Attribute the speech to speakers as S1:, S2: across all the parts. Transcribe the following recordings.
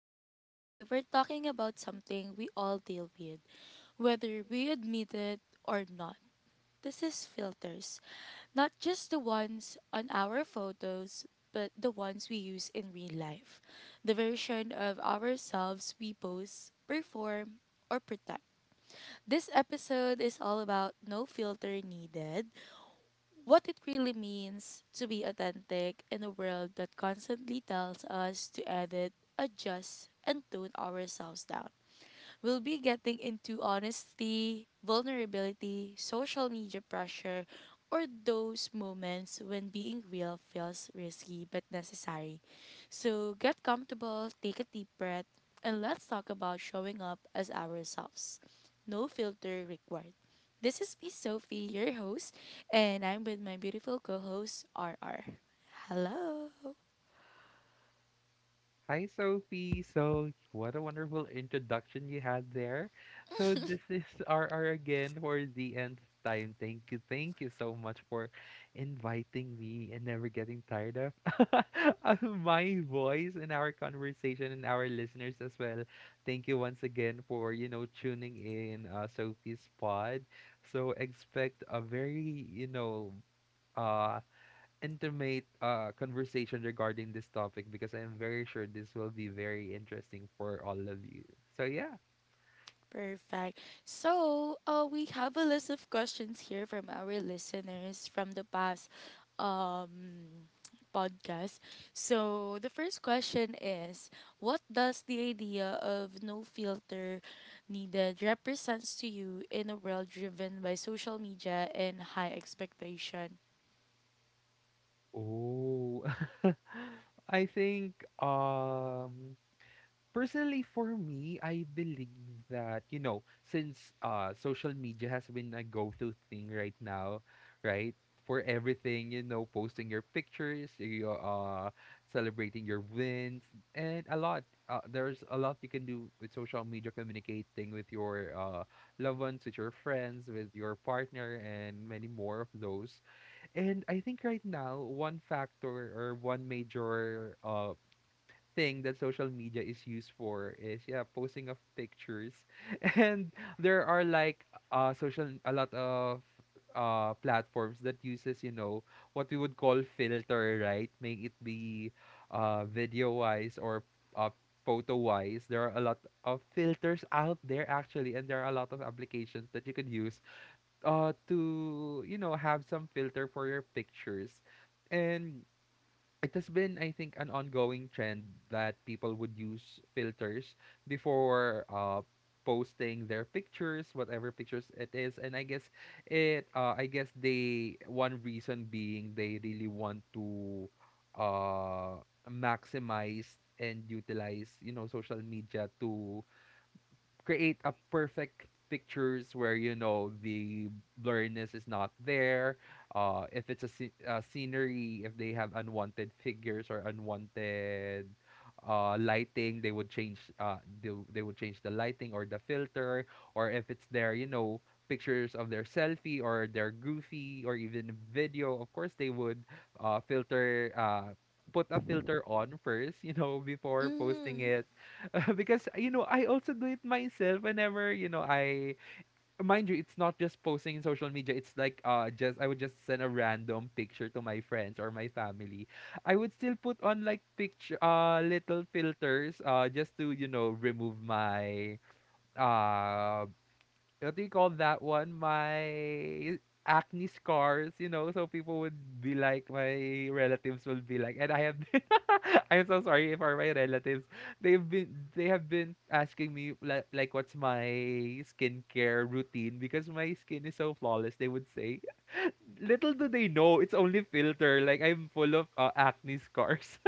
S1: And today we're talking about something we all deal with, whether we admit it or not. This is filters, not just the ones on our photos, but the ones we use in real life. The version of ourselves we post, perform, or protect. This episode is all about no filter needed, what it really means to be authentic in a world that constantly tells us to edit, adjust, and tune ourselves down. We'll be getting into honesty, vulnerability, social media pressure, or those moments when being real feels risky but necessary. So get comfortable, take a deep breath, and let's talk about showing up as ourselves. No filter required. This is me, Sophie, your host, and I'm with my beautiful co host, R R. Hello.
S2: Hi, Sophie. So, what a wonderful introduction you had there. So, this is RR again for the nth time. Thank you. Thank you so much for inviting me and never getting tired of of my voice in our conversation and our listeners as well. Thank you once again for, tuning in Sophie's pod. So, expect a very, uh, intimate conversation regarding this topic because I'm very sure this will be very interesting for all of you. So yeah.
S1: Perfect. So, we have a list of questions here from our listeners from the past um, podcast. So, the first question is: what does the idea of no filter needed represents to you in a world driven by social media and high expectation?
S2: Oh. I think um personally, for me, I believe that, since social media has been a go-to thing right now, right? For everything, posting your pictures, you celebrating your wins, and a lot. There's a lot you can do with social media, communicating with your loved ones, with your friends, with your partner, and many more of those. And I think right now, one factor or one major thing that social media is used for is, yeah, posting of pictures. And there are like social a lot of platforms that uses what we would call filter, right? Make it be video wise or uh photo wise. There are a lot of filters out there, actually, and there are a lot of applications that you could use to have some filter for your pictures. And it has been, I think, an ongoing trend that people would use filters before posting their pictures, whatever pictures it is. And I guess I guess one reason being they really want to uh, maximize and utilize, social media to create a perfect pictures where the blurriness is not there. If it's a scenery, if they have unwanted figures or unwanted lighting, they would change they would change the lighting or the filter. Or if it's their pictures of their selfie or their goofy or even video, of course they would filter put a filter on first before posting
S1: Mm-hmm.
S2: it. Because I also do it myself whenever I mind you, it's not just posting in social media. It's like just I would just send a random picture to my friends or my family. I would still put on like picture little filters just to remove my uh what do you call that one? My acne scars, so people would be like, my relatives will be like, and I have been, I'm so sorry for my relatives. They have been asking me like what's my skincare routine because my skin is so flawless. They would say, little do they know, it's only filter. Like I'm full of acne scars.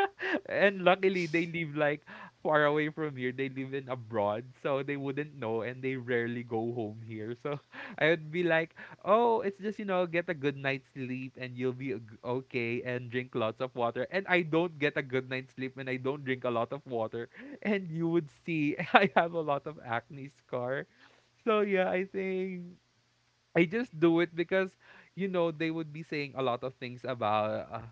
S2: And luckily, they live like far away from here. They live in abroad, so they wouldn't know, and they rarely go home here. So I would be like, "Oh, it's just get a good night's sleep, and you'll be okay, and drink lots of water." And I don't get a good night's sleep, and I don't drink a lot of water, and you would see I have a lot of acne scar. So, yeah, I think I just do it because they would be saying a lot of things about.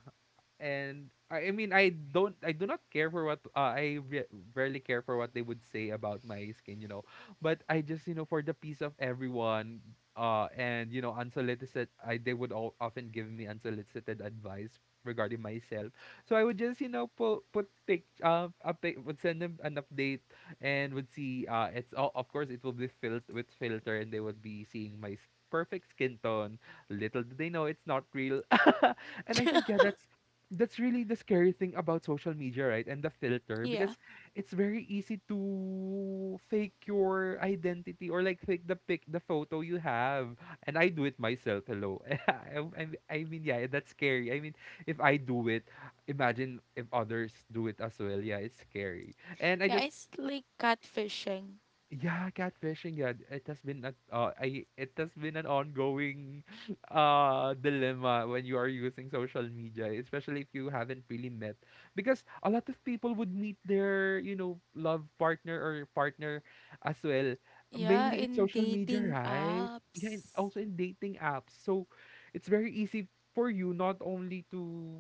S2: And I mean, I do not care for what rarely care for what they would say about my skin. But I just for the peace of everyone, and unsolicited, I they would all often give me unsolicited advice regarding myself. So I would just put pic a pic, would send them an update and would see it's all, of course it will be filled with filter, and they would be seeing my perfect skin tone. Little did they know it's not real. And I think, yeah, that's really the scary thing about social media, right? And the filter, because
S1: Yeah.
S2: it's very easy to fake your identity or like fake the photo you have. And I do it myself. Hello, I mean, yeah, that's scary. I mean, if I do it, imagine if others do it as well. Yeah, it's scary. And I
S1: Yeah,
S2: just.
S1: it's like catfishing.
S2: Yeah, catfishing. Yeah, it has been a I it has been an ongoing dilemma when you are using social media, especially if you haven't really met. Because a lot of people would meet their, love partner or partner as well,
S1: Yeah,
S2: mainly in
S1: in
S2: social media,
S1: dating
S2: right? Yeah, and
S1: apps.
S2: also in dating apps. So it's very easy for you not only to,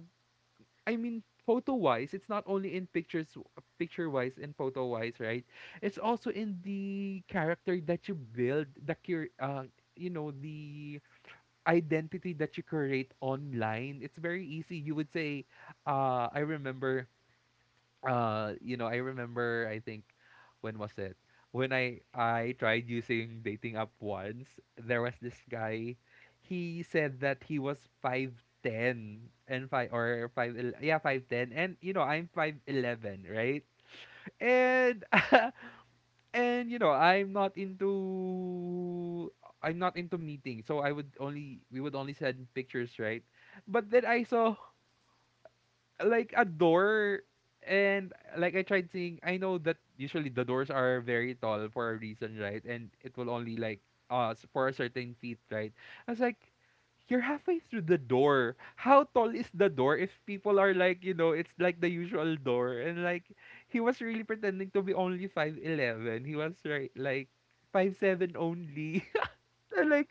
S2: I mean, photo wise, it's not only in pictures, picture wise and photo wise, right? It's also in the character that you build, the identity that you create online. It's very easy. You would say, uh, I remember I remember, I think, when was it, when I tried using dating app once, there was this guy. He said that he was 5'10 and 5 or yeah 5'10, and I'm 5'11, right. and And I'm not into meeting, so I would only we would only send pictures, right? But then I saw like a door, and like I tried seeing, I know that usually the doors are very tall for a reason, right? And it will only like for a certain feet, right? I was like, you're halfway through the door. How tall is the door if people are like, it's like the usual door, and like... He was really pretending to be only 5'11. He was right like 5'7" only. And, like,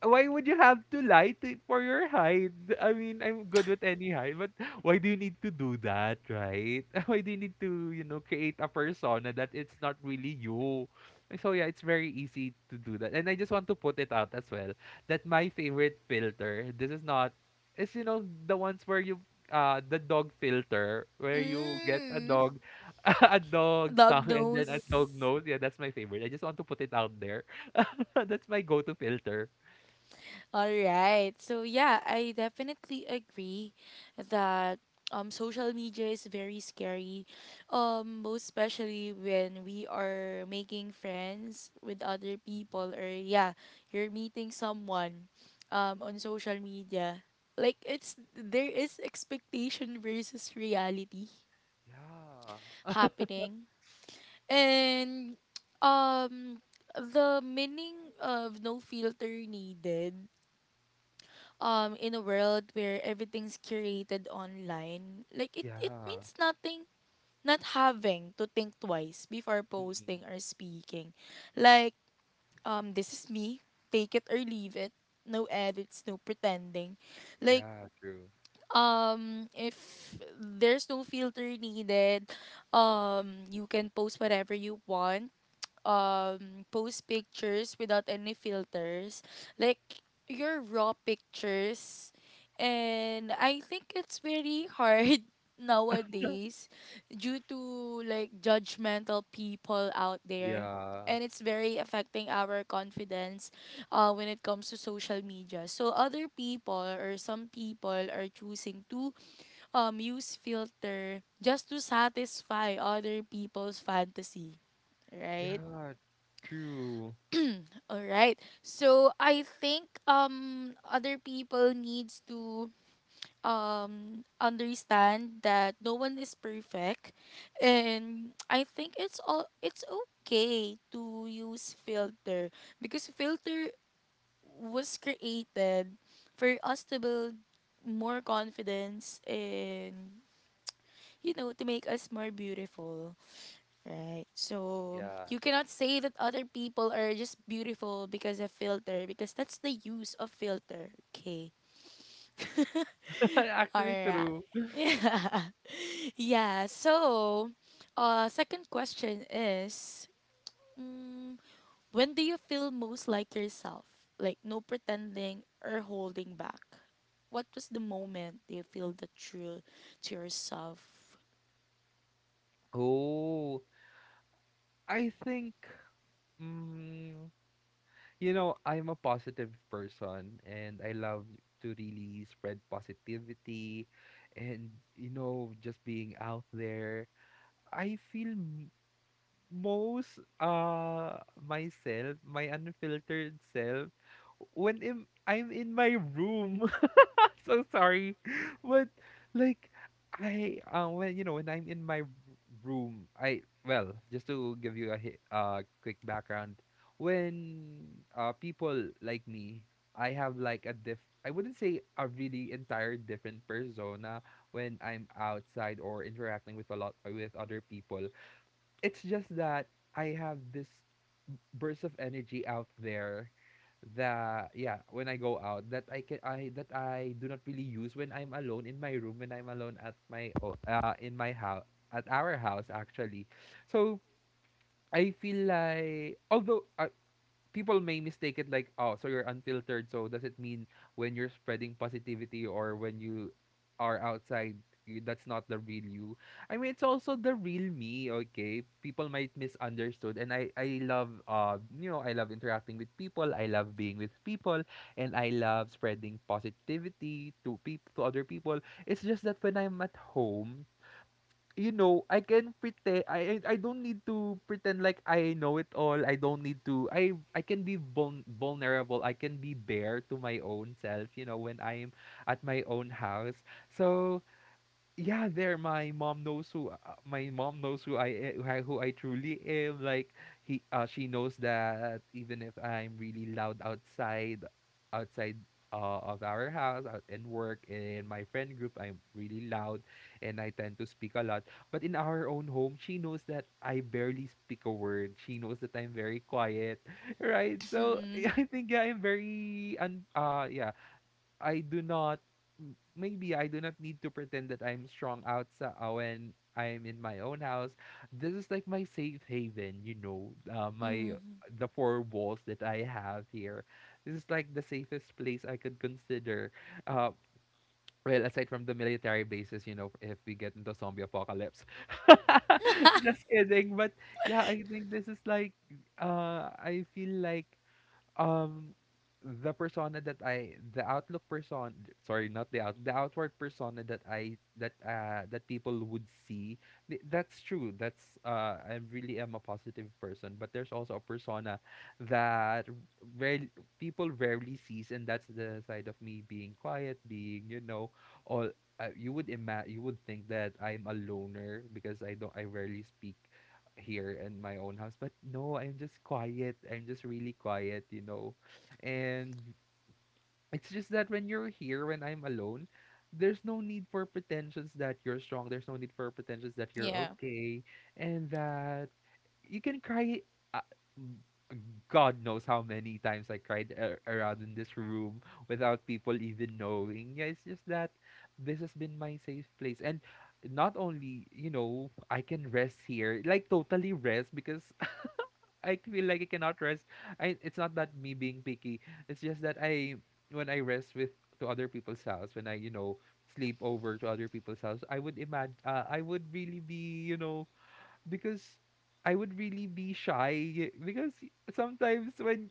S2: why would you have to lie to for your hide? I mean, I'm good with any hide, but why do you need to do that, right? Why do you need to, create a persona that it's not really you? So, yeah, it's very easy to do that. And I just want to put it out as well that my favorite filter, this is not, it's the ones where you the dog filter where you get a
S1: Mm.
S2: dog a dog
S1: Dog
S2: tongue and then a dog
S1: nose.
S2: nose. Yeah, that's my favorite. I just want to put it out there. That's my go-to filter.
S1: All right. So yeah, I definitely agree that social media is very scary. Most especially when we are making friends with other people, or yeah, you're meeting someone on social media. Like it's there is expectation versus reality
S2: Yeah.
S1: happening. And um the meaning of no filter needed in a world where everything's curated online, like it
S2: Yeah.
S1: means nothing. Not having to think twice before
S2: Mm-mm.
S1: posting or speaking, like, this is me, take it or leave it, no edits, no pretending. Like
S2: Yeah, true.
S1: if there's no filter needed, you can post whatever you want, post pictures without any filters, like your raw pictures. And I think it's very hard nowadays due to like judgmental people out there,
S2: Yeah.
S1: and it's very affecting our confidence when it comes to social media. So other people or some people are choosing to use filter just to satisfy other people's fantasy, right?
S2: Yeah, true.
S1: All right. So I think other people needs to understand that no one is perfect. And I think it's all, it's okay to use filter, because filter was created for us to build more confidence and, you know, to make us more beautiful. Right. So
S2: Yeah.
S1: you cannot say that other people are just beautiful because of filter, because that's the use of filter. Okay. All
S2: Actually
S1: right.
S2: true.
S1: Yeah. Yeah. So, second question is, mm, when do you feel most like yourself? Like no pretending or holding back. What was the moment you feel the true to yourself?
S2: Oh, I think mm, I'm a positive person, and I love to really spread positivity and just being out there. I feel most myself, my unfiltered self when I'm in my room. So sorry. But like I when when I'm in my room, I well, just to give you a quick background, when people like me, I have like a diff I wouldn't say a really entire different persona when I'm outside or interacting with a lot with other people. It's just that I have this burst of energy out there, that, yeah, when I go out, that I do not really use when I'm alone in my room, when I'm alone at in my house at our house actually. So I feel like, although people may mistake it like, oh, so you're unfiltered. So does it mean when you're spreading positivity or when you are outside, that's not the real you? I mean, it's also the real me. Okay, people might misunderstood, and I love interacting with people. I love being with people, and I love spreading positivity to peop to other people. It's just that when I'm at home, I can pretend, I don't need to pretend like I know it all. I don't need to I can be vulnerable. I can be bare to my own self, when I'm at my own house. So, yeah, there, my mom knows who my mom knows who I truly am. Like he she knows that even if I'm really loud outside of our house, out in work, in my friend group, I'm really loud and I tend to speak a lot. But in our own home, she knows that I barely speak a word. She knows that I'm very quiet, right? So
S1: Mm-hmm.
S2: I think, yeah, I'm very yeah. I do not m- Maybe I do not need to pretend that I'm strong outside when I'm in my own house. This is like my safe haven, you know, my the four walls that I have here. This is like the safest place I could consider. Uh, well, aside from the military bases, if we get into zombie apocalypse. Just kidding, but yeah, I think this is like I feel like um, the persona that I, the outlook person, sorry, not the out, the outward persona that I that people would see. That's true. That's I really am a positive person, but there's also a persona that rarely people rarely sees, and that's the side of me being quiet, being you know, all. You would imagine you would think that I'm a loner because I don't I rarely speak here in my own house. But no, I'm just quiet. I'm just really quiet, you know. And it's just that when I'm alone, there's no need for pretensions that you're strong. There's no need for pretensions that you're
S1: Yeah.
S2: okay. And that you can cry. Uh, God knows how many times I cried around in this room without people even knowing. Yeah, it's just that this has been my safe place. And not only I can rest here, like totally rest, because I feel like I cannot rest. I it's not that me being picky. It's just that I when I rest with to other people's house, when I sleep over to other people's house, I would imagine I would really be you know because I would really be shy because sometimes when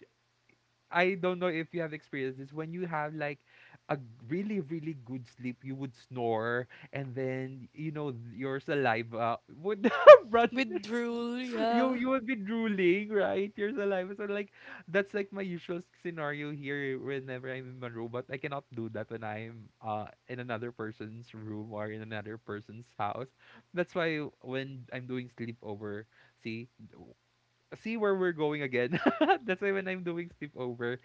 S2: I don't know if you have experienced this when you have like a really really good sleep you would snore and then you know your saliva would run
S1: Withdrawal.
S2: you
S1: Yeah.
S2: you would be drooling, right? Your saliva. So like that's like my usual scenario here whenever I'm in my room, but I cannot do that when I'm in another person's room or in another person's house. That's why when I'm doing sleepover, see w- see where we're going again. That's why when I'm doing sleepover,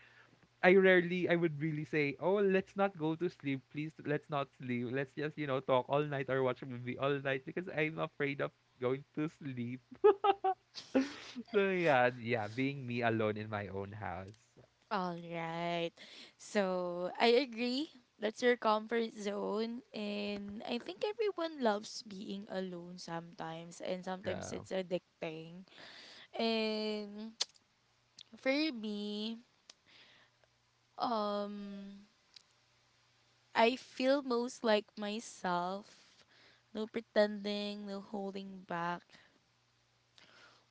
S2: I would really say, oh, let's not go to sleep, please let's not sleep. Let's just, talk all night or watch a movie all night because I'm afraid of going to sleep. So yeah, yeah, being me alone in my own house.
S1: All right. So I agree. That's your comfort zone. And I think everyone loves being alone sometimes. And sometimes
S2: Yeah.
S1: it's addicting. And for me, um, I feel most like myself. No pretending, no holding back.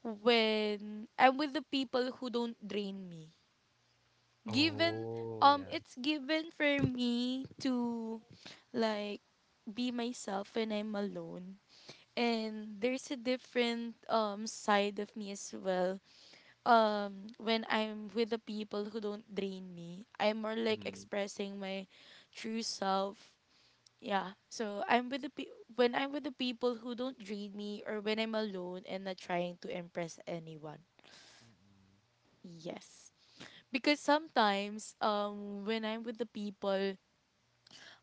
S1: When I'm with the people who don't drain me. Given,
S2: Oh, yeah.
S1: it's given for me to, like, be myself when I'm alone. And there's a different side of me as well. When I'm with the people who don't drain me, I'm more like
S2: Mm.
S1: expressing my true self. Yeah. So I'm with the when I'm with the people who don't drain me, or when I'm alone and not trying to impress anyone.
S2: Mm.
S1: Yes. Because sometimes when I'm with the people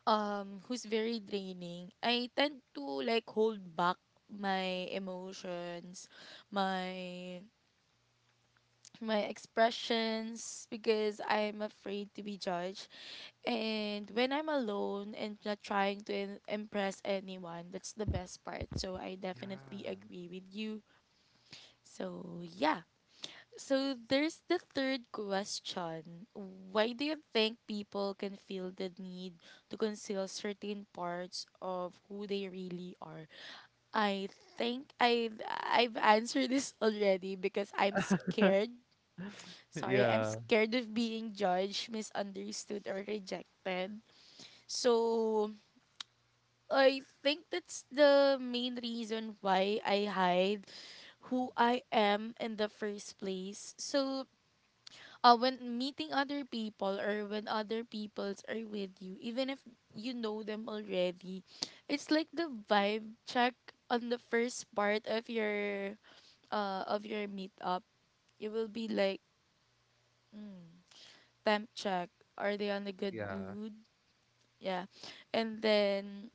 S1: who's very draining, I tend to like hold back my emotions, my my expressions, because I'm afraid to be judged. And when I'm alone and not trying to impress anyone, that's the best part. So I definitely
S2: Yeah.
S1: agree with you. So yeah. So there's the third question. Why do you think people can feel the need to conceal certain parts of who they really are? I think I've answered this already because I'm scared. Sorry, I'm
S2: Yeah.
S1: scared of being judged, misunderstood, or rejected. So I think that's the main reason why I hide who I am in the first place. So when meeting other people, or when other peoples are with you, even if you know them already, it's like the vibe check on the first part of your meetup. It will be like temp check. Are they on a good
S2: Yeah.
S1: mood? Yeah, and then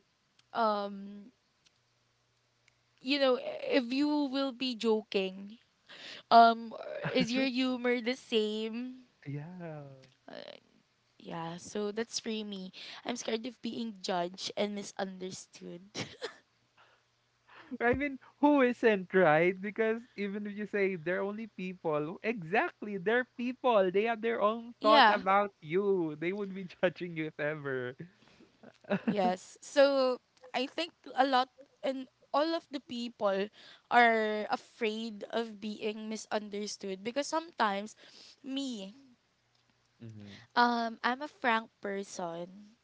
S1: um you know, if you will be joking, um is your humor the same?
S2: Yeah.
S1: Yeah, so that's for me. I'm scared of being judged and misunderstood.
S2: I mean, who isn't, right? Because even if you say they're only people, exactly, they're people. They have their own thought
S1: Yeah,
S2: about you. They would be judging you if ever.
S1: yes. So I think a lot, and all of the people are afraid of being misunderstood, because sometimes me,
S2: Mm-hmm.
S1: I'm a frank person.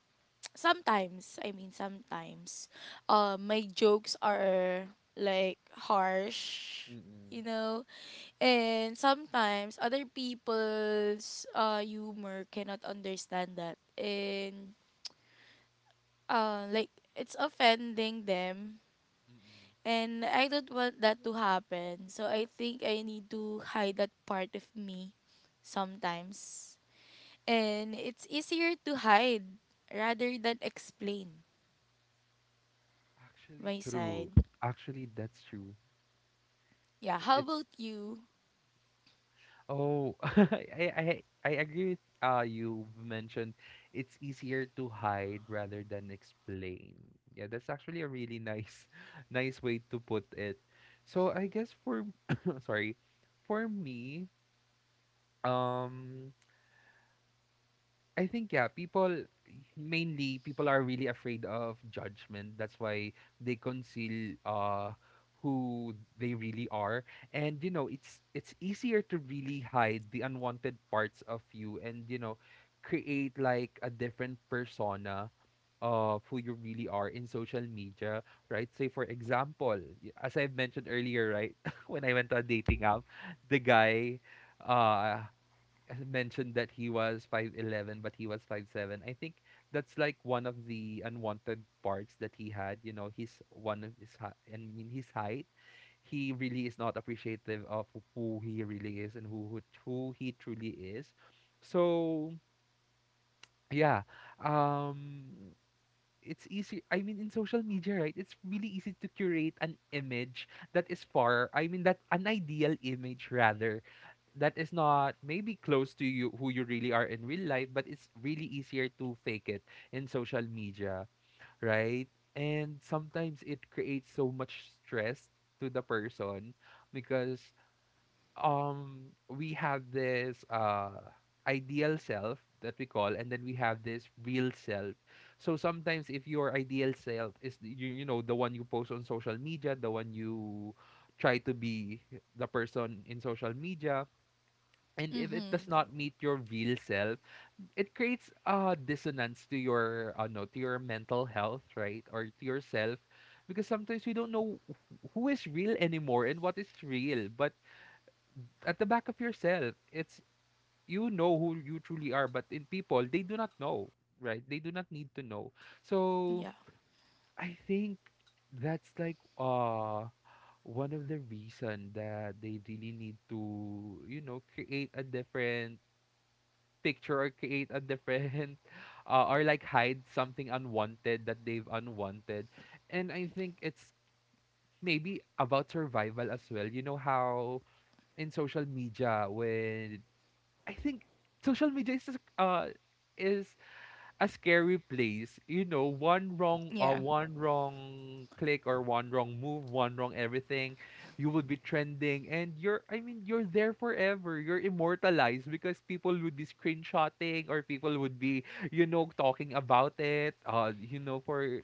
S1: Sometimes, I mean sometimes, my jokes are like harsh,
S2: Mm-mm.
S1: you know. And sometimes other people's humor cannot understand that, and like it's offending them,
S2: Mm-mm.
S1: and I don't want that to happen. So I think I need to hide that part of me sometimes. And it's easier to hide rather than explain
S2: Actually,
S1: my side.
S2: true. Actually, that's true.
S1: Yeah,
S2: I-
S1: how
S2: It's
S1: about you?
S2: Oh, I agree with you mentioned it's easier to hide rather than explain. Yeah, that's actually a really nice nice way to put it. So I guess for sorry, for me, um I think yeah, people mainly people are really afraid of judgment. That's why they conceal who they really are. And it's easier to really hide the unwanted parts of you and create like a different persona of who you really are in social media, right? Say for example, as I've mentioned earlier, right, when I went on a dating app, the guy uh mentioned that he was 5'11" but he was 5'7". I think that's like one of the unwanted parts that he had, you know, he's one of his I mean his height, he really is not appreciative of who he really is and who he truly is. So yeah, um it's easy, I mean, in social media, right, it's really easy to curate an image that is far, I mean, that an ideal image rather, that is not maybe close to you who you really are in real life, but it's really easier to fake it in social media, right? And sometimes it creates so much stress to the person because we have this ideal self that we call and then we have this real self. So sometimes if your ideal self is you, you know the one you post on social media, the one you try to be the person in social media, and if it does
S1: Mhm.
S2: not meet your real self, it creates a dissonance to your no, to your mental health, right, or to yourself, because sometimes you don't know who is real anymore and what is real, but at the back of yourself, it's you know who you truly are, but in people they do not know, right, they do not need to know. So
S1: Yeah.
S2: I think that's like one of the reason that they really need to, you know, create a different picture or create a different or like hide something unwanted that they've unwanted. And I think it's maybe about survival as well. You know how in social media when I think social media is just, is a scary place. You know,
S1: Yeah.
S2: one wrong click or one wrong move, one wrong everything, you would be trending and you're, I mean, you're there forever. You're immortalized because people would be screenshotting or people would be, talking about it. You know, for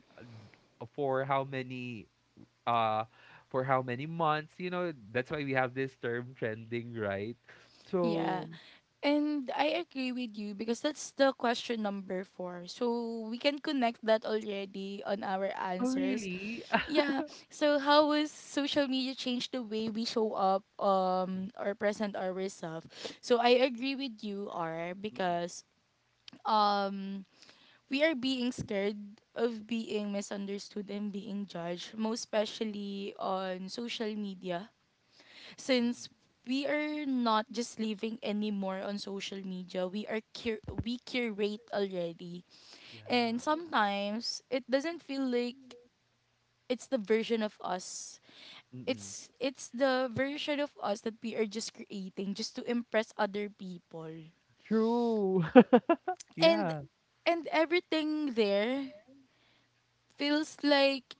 S2: how many uh for how many months, that's why we have this term trending, right?
S1: Yeah.
S2: So,
S1: And I agree with you, because that's the question number four. So we can connect that already on our
S2: oh
S1: answers.
S2: really?
S1: Yeah. So how has social media changed the way we show up or present ourselves? So I agree with you, R,
S2: Mm-mm,
S1: because um we are being scared of being misunderstood and being judged, most especially on social media,
S2: mm-mm.
S1: since we are not just living anymore on social media, we are we curate already. And
S2: Yeah.
S1: sometimes it doesn't feel like it's the version of us.
S2: Mm-mm.
S1: It's the version of us that we are just creating just to impress other people.
S2: True.
S1: and
S2: Yeah.
S1: and everything there feels like,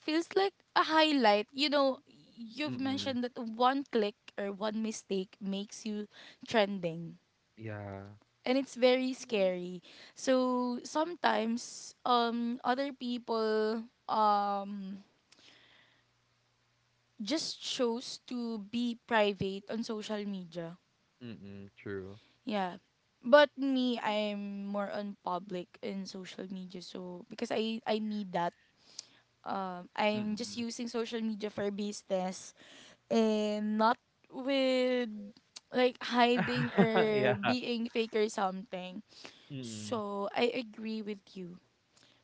S1: feels like a highlight. You know, you've
S2: Mm-mm.
S1: mentioned that one click or one mistake makes you trending,
S2: Yeah.
S1: and it's very scary. So sometimes other people just chose to be private on social media.
S2: Mm-mm. True.
S1: Yeah. But me, I'm more on public in social media, so because I need that, I'm just
S2: Mm-mm.
S1: using social media for business, and not with like hiding or
S2: Yeah.
S1: being fake or something.
S2: Mm-mm.
S1: So I agree with you.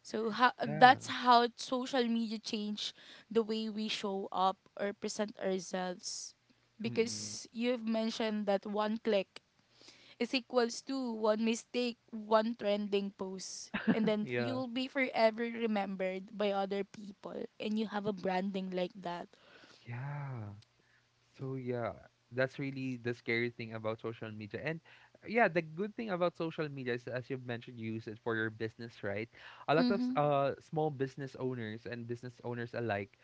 S1: So how
S2: Yeah.
S1: that's how social media changed the way we show up or present ourselves.
S2: Mm-mm.
S1: Because you've mentioned that one click is equals to one mistake, one trending post. And then you
S2: Yeah.
S1: will be forever remembered by other people. And you have a branding like that.
S2: Yeah. So yeah, that's really the scary thing about social media. And yeah, the good thing about social media is, as you've mentioned, you use it for your business, right? A lot of
S1: Mm-hmm.
S2: small business owners and business owners alike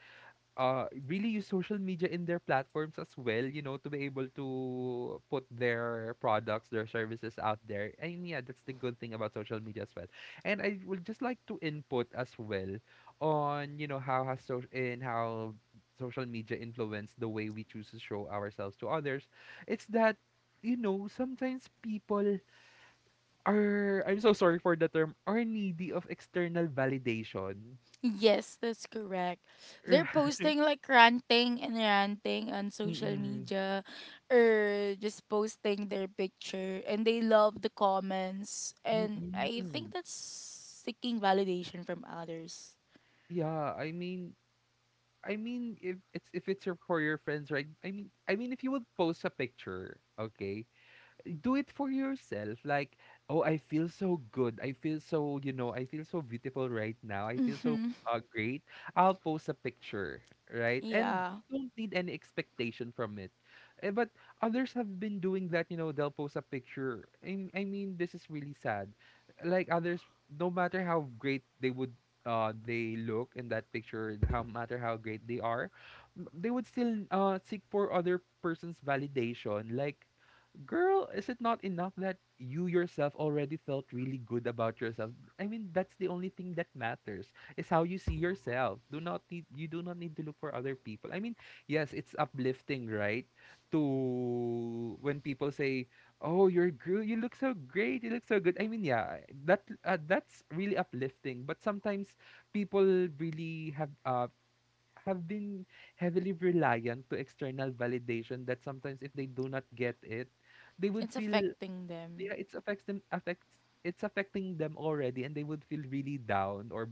S2: really use social media in their platforms as well, you know, to be able to put their products, their services out there. And yeah, that's the good thing about social media as well. And I would just like to input as well on, how has so and how social media influence the way we choose to show ourselves to others. It's that, you know, sometimes people are, I'm so sorry for the term, are needy of external validation.
S1: Yes, that's correct. They're
S2: Right.
S1: posting like ranting and ranting on social
S2: Mm-mm.
S1: media, or just posting their picture and they love the comments, and I think
S2: Mm-mm.
S1: that's seeking validation from others.
S2: Yeah, I mean, if it's your for your friends, right? I mean, if you would post a picture, okay, do it for yourself. Like, oh, I feel so good. I feel so beautiful right now. I feel so
S1: Mhm.
S2: great. I'll post a picture, right? And
S1: Yeah,
S2: you don't need any expectation from it. But others have been doing that, they'll post a picture. I mean, this is really sad. Like others, no matter how great they look in that picture, how great they are, they would still seek for other person's validation. Like, girl, is it not enough that you yourself already felt really good about yourself? I mean, that's the only thing that matters is how you see yourself. Do not need You do not need to look for other people. I mean, yes, it's uplifting, right? To When people say, "Oh, you're girl, you look so great, you look so good." I mean, yeah, that's really uplifting. But sometimes people really have been heavily reliant to external validation that sometimes if they do not get it, they would
S1: it's
S2: feel,
S1: affecting them.
S2: yeah, it's affecting them already, and they would feel really down or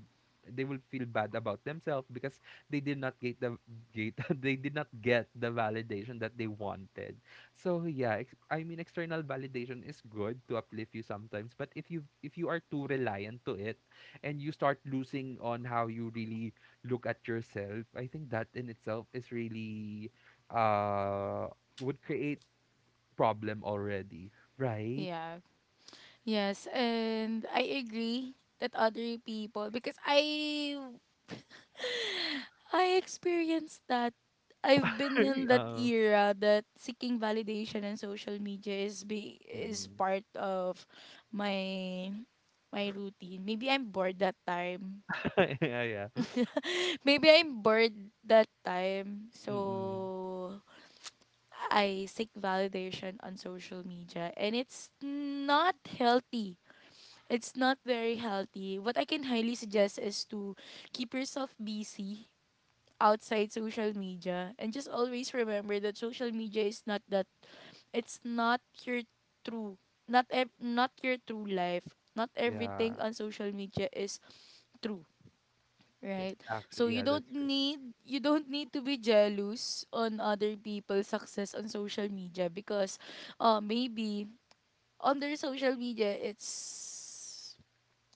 S2: they will feel bad about themselves because they did not get the get they did not get the validation that they wanted. So yeah, I mean external validation is good to uplift you sometimes, but if you are too reliant to it and you start losing on how you really look at yourself, I think that in itself is really uh would create problem already, right?
S1: Yeah. Yes, and I agree that other people, because I experienced that. I've been in that
S2: Um.
S1: era that seeking validation and social media is be is
S2: Mm.
S1: part of my my routine. Maybe I'm bored that time.
S2: Yeah, yeah.
S1: Maybe I'm bored that time.
S2: Mm.
S1: So I seek validation on social media, and it's not healthy. It's not very healthy. What I can highly suggest is to keep yourself busy outside social media, and just always remember that social media is not that, it's not your true, not your true life. Not everything
S2: Yeah,
S1: on social media is true,
S2: it
S1: right? So
S2: actually
S1: you
S2: yeah,
S1: don't
S2: that's true.
S1: need, you don't need to be jealous on other people's success on social media, because maybe on their social media it's,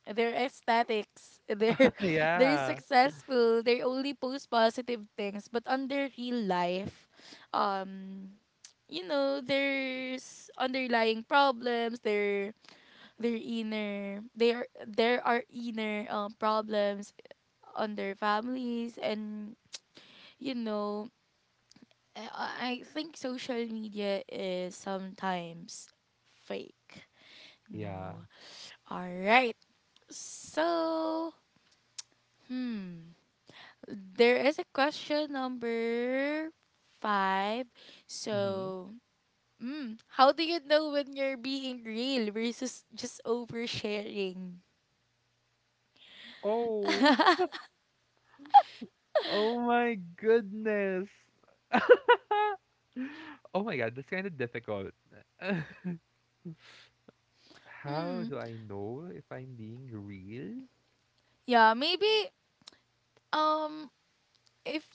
S1: they're aesthetics. They're they're
S2: Yeah,
S1: successful. They only post positive things, but on their real life, um, you know, there's underlying problems. Their inner, they are there are inner problems on their families, and you know, I think social media is sometimes fake.
S2: yeah.
S1: No. All right. So, hmm. There is a question number five.
S2: Mhm.
S1: So, mm, how do you know when you're being real versus just oversharing?
S2: Oh, oh my goodness. Oh my god, that's kind of difficult. How
S1: Mm,
S2: do I know if I'm being real?
S1: yeah, maybe um if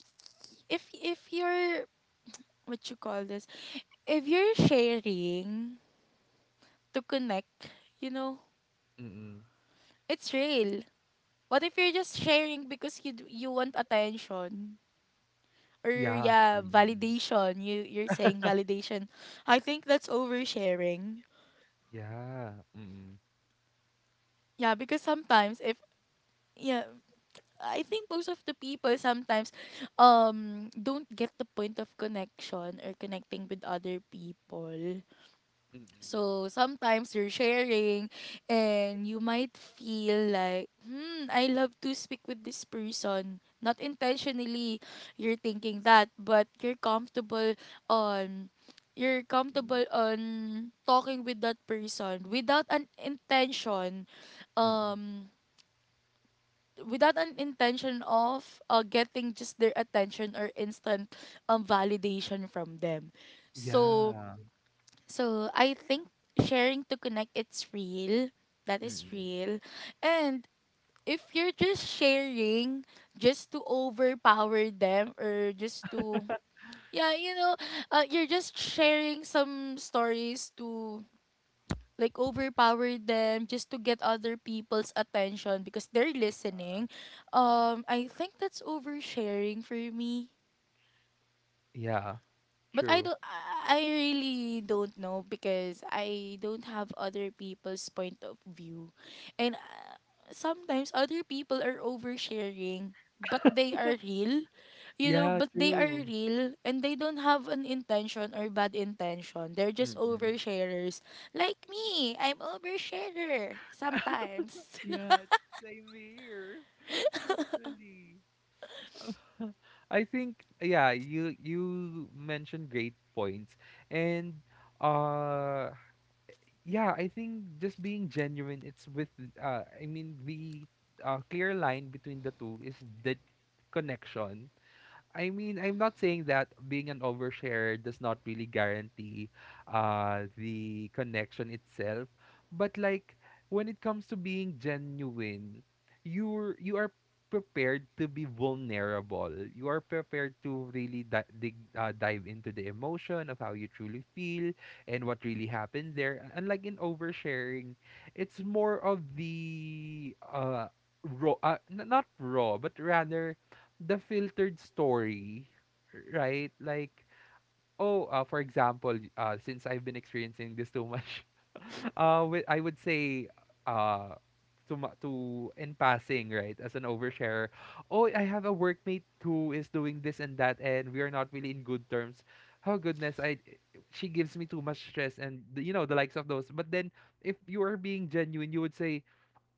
S1: if you're, what you call this, if you're sharing to connect, you know,
S2: Mm.
S1: it's real. What if you're just sharing because you you want attention? Or
S2: Yeah,
S1: yeah,
S2: actually, mm.
S1: validation. You, you're saying validation. I think that's oversharing.
S2: Yeah, mm.
S1: Yeah, because sometimes if, yeah, I think most of the people sometimes don't get the point of connection or connecting with other people.
S2: Mm.
S1: So sometimes you're sharing and you might feel like, hmm, I love to speak with this person. Not intentionally you're thinking that, but you're comfortable on, you're
S2: Mm.
S1: comfortable on talking with that person without an intention,
S2: Mm.
S1: um without an intention of getting just their attention or instant validation from them. So,
S2: Yeah.
S1: so I think sharing to connect, it's real. That is
S2: Mm.
S1: real. And if you're just sharing just to overpower them, or just to, yeah, you know, you're just sharing some stories to like overpower them just to get other people's attention because they're
S2: Yeah.
S1: listening.
S2: Mm.
S1: I think that's oversharing for me.
S2: Yeah,
S1: But I
S2: true.
S1: don't, I really don't know because I don't have other people's point of view. And sometimes other people are oversharing, but they are real. You know,
S2: Yeah,
S1: but they are
S2: true.
S1: real and they don't have an intention or bad intention. They're just
S2: Mm.
S1: oversharers. Like me, I'm oversharer sometimes.
S2: Yeah, same here, actually. I think yeah, you mentioned great points. And uh yeah, I think just being genuine, it's with I mean the clear line between the two is the connection. I mean, I'm not saying that being an oversharer does not really guarantee the connection itself, but like when it comes to being genuine, you are prepared to be vulnerable. You are prepared to really dig, dive into the emotion of how you truly feel and what really happened there. Unlike in oversharing, it's more of the raw, not raw, but rather the filtered story, right? Like, oh, for example, since I've been experiencing this too much, I would say, uh, to in passing, right, as an oversharer. Oh, I have a workmate who is doing this and that, and we are not really in good terms. Oh goodness, I she gives me too much stress, and you know the likes of those. But then, if you are being genuine, you would say,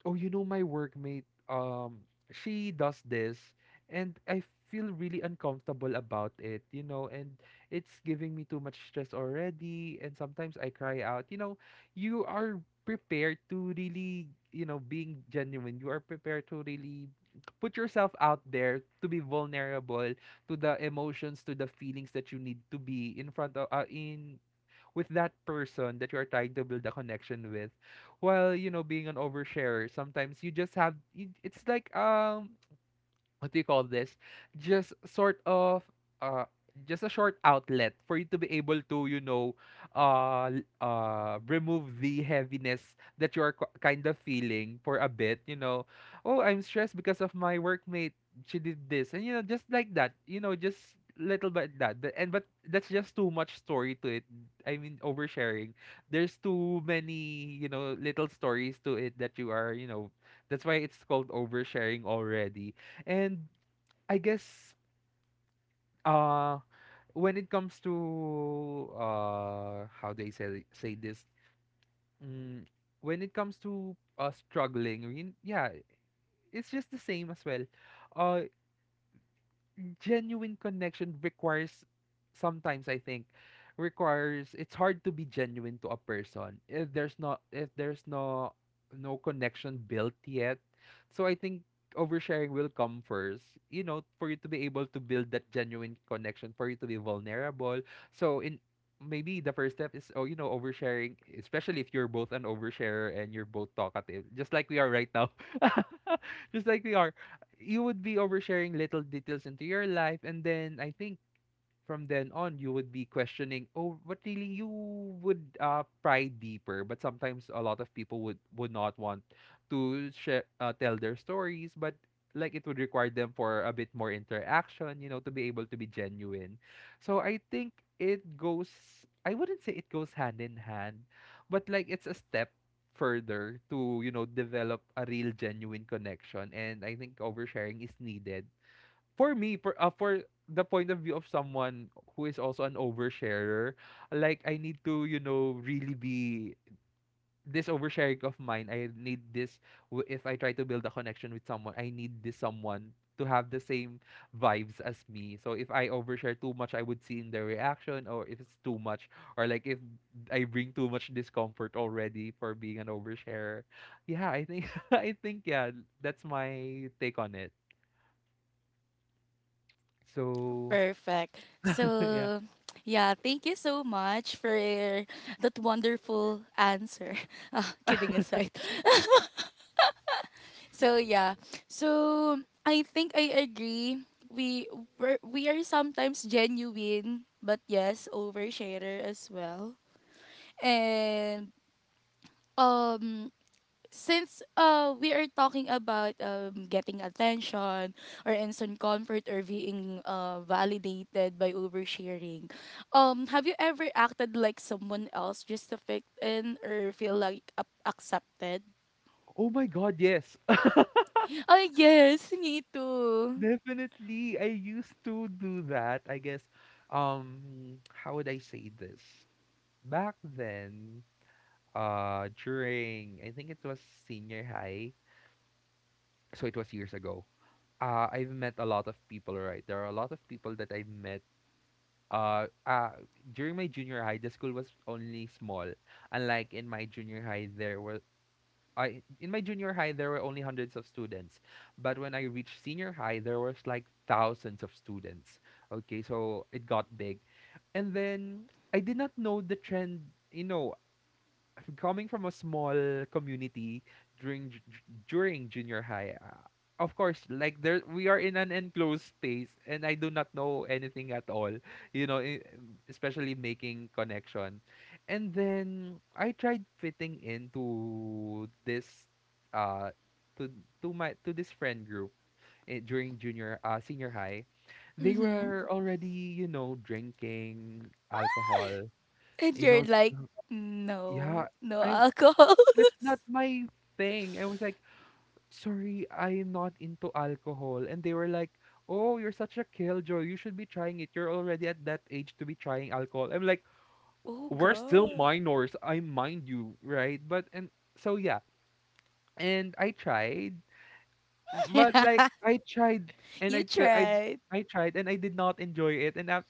S2: oh you know my workmate she does this and I feel really uncomfortable about it and it's giving me too much stress already, and sometimes I cry out, you know? You are prepared to really, you know, being genuine, you are prepared to really put yourself out there to be vulnerable to the emotions, to the feelings that you need to be in front of, in with that person that you're trying to build a connection with. While, you know, being an oversharer, sometimes you just it's like what do you call this? Just sort of uh just a short outlet for you to be able to, you know, remove the heaviness that you are kind of feeling for a bit, you know? Oh, I'm stressed because of my workmate, she did this, and you know, just like that, you know, just little bit that The- and but that's just too much story to it. I mean, oversharing, there's too many, you know, little stories to it that you are, you know, that's why it's called oversharing already. And I guess uh when it comes to how they say this, mm, when it comes to struggling, I mean, yeah, it's just the same as well. Uh, genuine connection requires, sometimes I think, requires, it's hard to be genuine to a person if there's not if there's no no connection built yet. So I think oversharing will come first, you know, for you to be able to build that genuine connection, for you to be vulnerable. So in maybe the first step is oh you know oversharing, especially if you're both an oversharer and you're both talkative, just like we are right now. Just like we are, you would be oversharing little details into your life, and then I think from then on you would be questioning, oh what really you would pry deeper. But sometimes a lot of people would not want to share, tell their stories, but like it would require them for a bit more interaction, you know, to be able to be genuine. So I think it goes, I wouldn't say it goes hand in hand, but like it's a step further to, you know, develop a real genuine connection. And I think oversharing is needed, for me, for the point of view of someone who is also an oversharer. Like I need to, you know, really be, this oversharing of mine, I need this, if I try to build a connection with someone, I need this someone to have the same vibes as me. So if I overshare too much, I would see in their reaction or if it's too much, or like if I bring too much discomfort already for being an oversharer, yeah I think, I think, yeah, that's my take on it. So
S1: Perfect.
S2: yeah.
S1: So, yeah, thank you so much for that wonderful answer. Ah, kidding aside. So yeah. So I think I agree. We we are sometimes genuine, but yes, oversharer as well. And um since we are talking about getting attention or instant comfort or being validated by oversharing, have you ever acted like someone else just to fit in or feel like accepted?
S2: Oh my God, yes.
S1: Oh yes, me too.
S2: Definitely. I used to do that. I guess, how would I say this? Back then, during, I think it was senior high, so it was years ago. I've met a lot of people, right? There are a lot of people that I've met. Uh, uh, during my junior high, the school was only small. Unlike in my junior high, there was I in my junior high there were only hundreds of students, but when I reached senior high there was like thousands of students. Okay, so it got big, and then I did not know the trend. You know, coming from a small community during during junior high, of course, like, there we are in an enclosed space and I do not know anything at all, you know, especially making connection. And then I tried fitting into this uh to to my to this friend group, eh, during junior senior high, they
S1: Mm-hmm.
S2: were already, you know, drinking alcohol.
S1: And
S2: you
S1: you're
S2: know s-
S1: like,
S2: yeah,
S1: no, no
S2: I'm,
S1: alcohol.
S2: that's not my thing. I was like, sorry, I am not into alcohol. And they were like, oh, you're such a killjoy. You should be trying it. You're already at that age to be trying alcohol. I'm like,
S1: Oh
S2: we're still
S1: god.
S2: minors. I mind you, right? But, and so yeah. And I tried. But like I tried and
S1: You tried.
S2: I tried and I did not enjoy it, and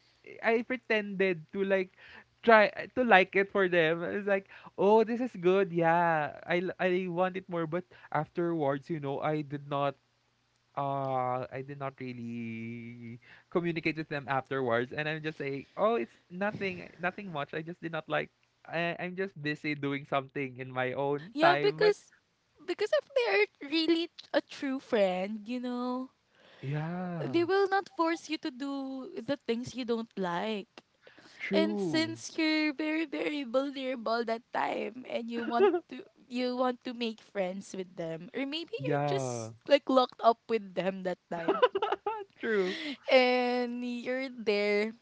S2: I pretended to like, try to like it for them. It's like, "Oh, this is good. Yeah. I want it more," but afterwards, you know, I did not really communicate with them afterwards, and I'm just saying, "Oh, it's nothing, nothing much. I just did not like, I, I'm just busy doing something in my own
S1: Yeah,
S2: time." But
S1: because if they're really a true friend, you know, they
S2: yeah,
S1: will not force you to do the things you don't like. And
S2: true.
S1: since you're very very vulnerable that time and you want to make friends with them or maybe you're
S2: Yeah.
S1: just like locked up with them that time
S2: True.
S1: and you're there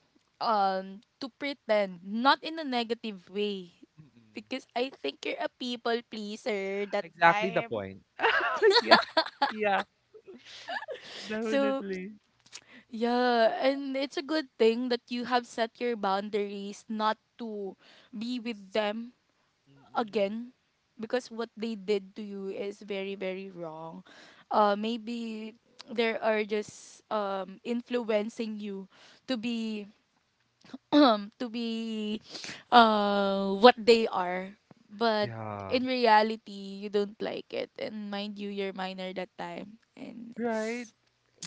S1: to pretend not in a negative way
S2: Mm.
S1: because I think you're a people pleaser that
S2: Exactly the
S1: time.
S2: point. Yeah. Yeah.
S1: So,
S2: Definitely.
S1: yeah, and it's a good thing that you have set your boundaries not to be with them
S2: Mm.
S1: again because what they did to you is very very wrong. Maybe there are just influencing you to be um, to be what they are, but
S2: Yeah.
S1: in reality you don't like it and mind you you're minor that time and
S2: Right.
S1: it's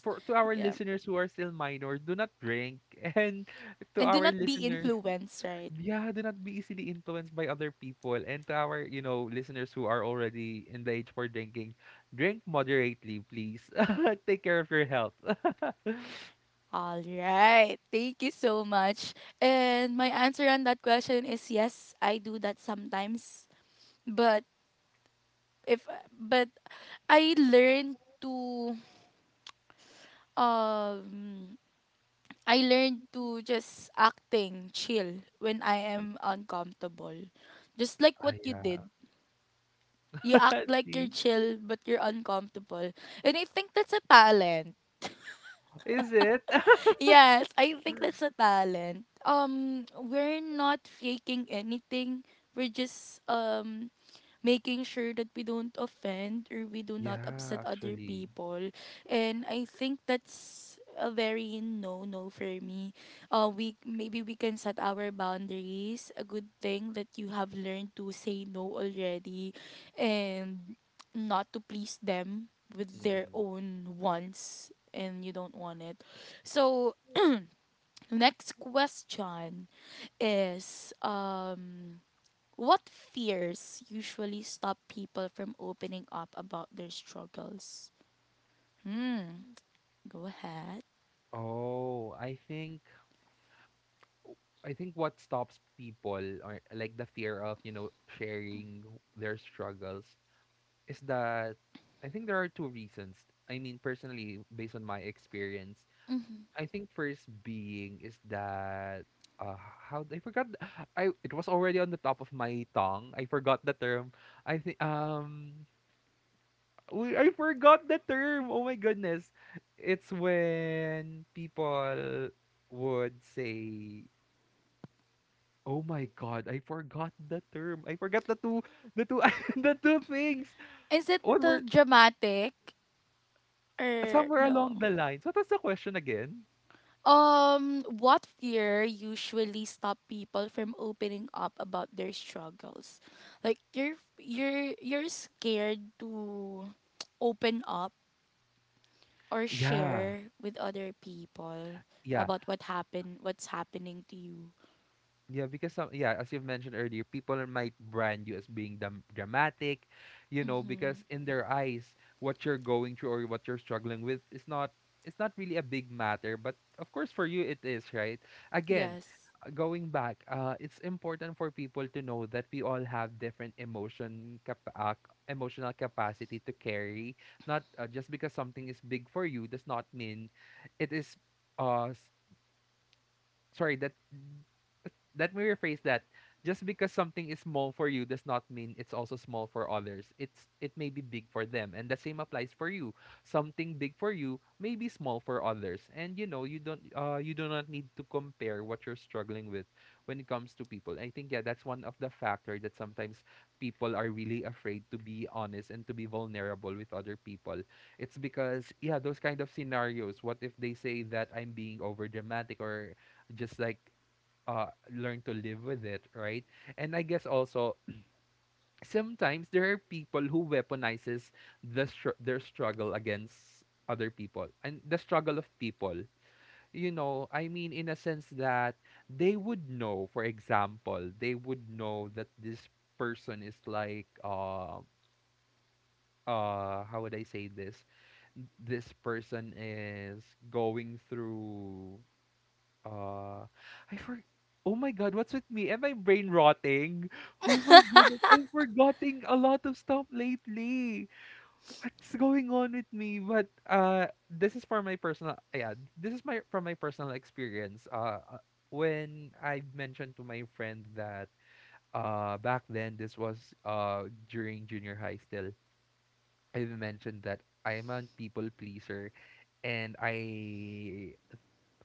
S2: For to our
S1: yeah,
S2: listeners who are still minor, do not drink. And to
S1: and do
S2: our
S1: not be
S2: listener,
S1: influenced right.
S2: yeah, do not be easily influenced by other people. And to our, you know, listeners who are already in the age for drinking, drink moderately, please. Take care of your health.
S1: All right, thank you so much. And my answer on that question is yes, I do that sometimes, but if but I learned to um I learned to just acting chill when I am uncomfortable. Just like
S2: Ah,
S1: what you
S2: yeah.
S1: did. You act like you're
S2: See?
S1: chill but you're uncomfortable. And I think that's a talent.
S2: Is it?
S1: Yes, I think that's a talent. We're not faking anything. We're just making sure that we don't offend or we do not
S2: Yeah,
S1: upset other
S2: actually.
S1: people. And I think that's a very no no for me. We maybe we can set our boundaries. A good thing that you have learned to say no already, and not to please them with their
S2: Mm-mm.
S1: own wants, and you don't want it. So next question is what fears usually stop people from opening up about their struggles? Hmm. Go ahead.
S2: Oh, I think, I think what stops people, or like the fear of, you know, sharing their struggles is that, I think there are two reasons. I mean, personally, based on my experience,
S1: Mhm.
S2: I think first being is that how, I forgot I, it was already on the top of my tongue. I forgot the term. I think we, I forgot the term. Oh my goodness. It's when people would say, "Oh my god, I forgot the term. I forgot the two the two things."
S1: Is it
S2: One
S1: the
S2: word
S1: dramatic or
S2: somewhere
S1: no?
S2: along the lines. What was the question again?
S1: What fear usually stop people from opening up about their struggles? Like you're scared to open up or
S2: Yeah.
S1: share with other people
S2: Yeah.
S1: about what happened, what's happening to you.
S2: Yeah, because some, yeah, as you've mentioned earlier, people might brand you as being dramatic, you know,
S1: Mm-hmm.
S2: because in their eyes, what you're going through or what you're struggling with is not, it's not really a big matter, but of course for you it is, right? Again,
S1: Yes.
S2: going back, it's important for people to know that we all have different emotional capacity to carry. Not, just because something is big for you does not mean it is. Uh, s- sorry that, let me rephrase that. Just because something is small for you does not mean it's also small for others. It's, it may be big for them, and the same applies for you. Something big for you may be small for others, and you know, you don't you do not need to compare what you're struggling with when it comes to people. I think, yeah, that's one of the factor that sometimes people are really afraid to be honest and to be vulnerable with other people. It's because, yeah, those kind of scenarios, what if they say that I'm being overdramatic, or just like, learn to live with it, right? And I guess also sometimes there are people who weaponizes their struggle against other people and the struggle of people, you know. I mean in a sense that they would know, for example, they would know that this person is like uh, how would I say this, this person is going through, Uh, I for, oh my God, what's with me? Am I brain rotting? Oh my goodness, I'm forgetting a lot of stuff lately. What's going on with me? But this is for my personal, yeah, this is my from my personal experience. When I mentioned to my friend that back then this was during junior high still, I mentioned that I'm a people pleaser and I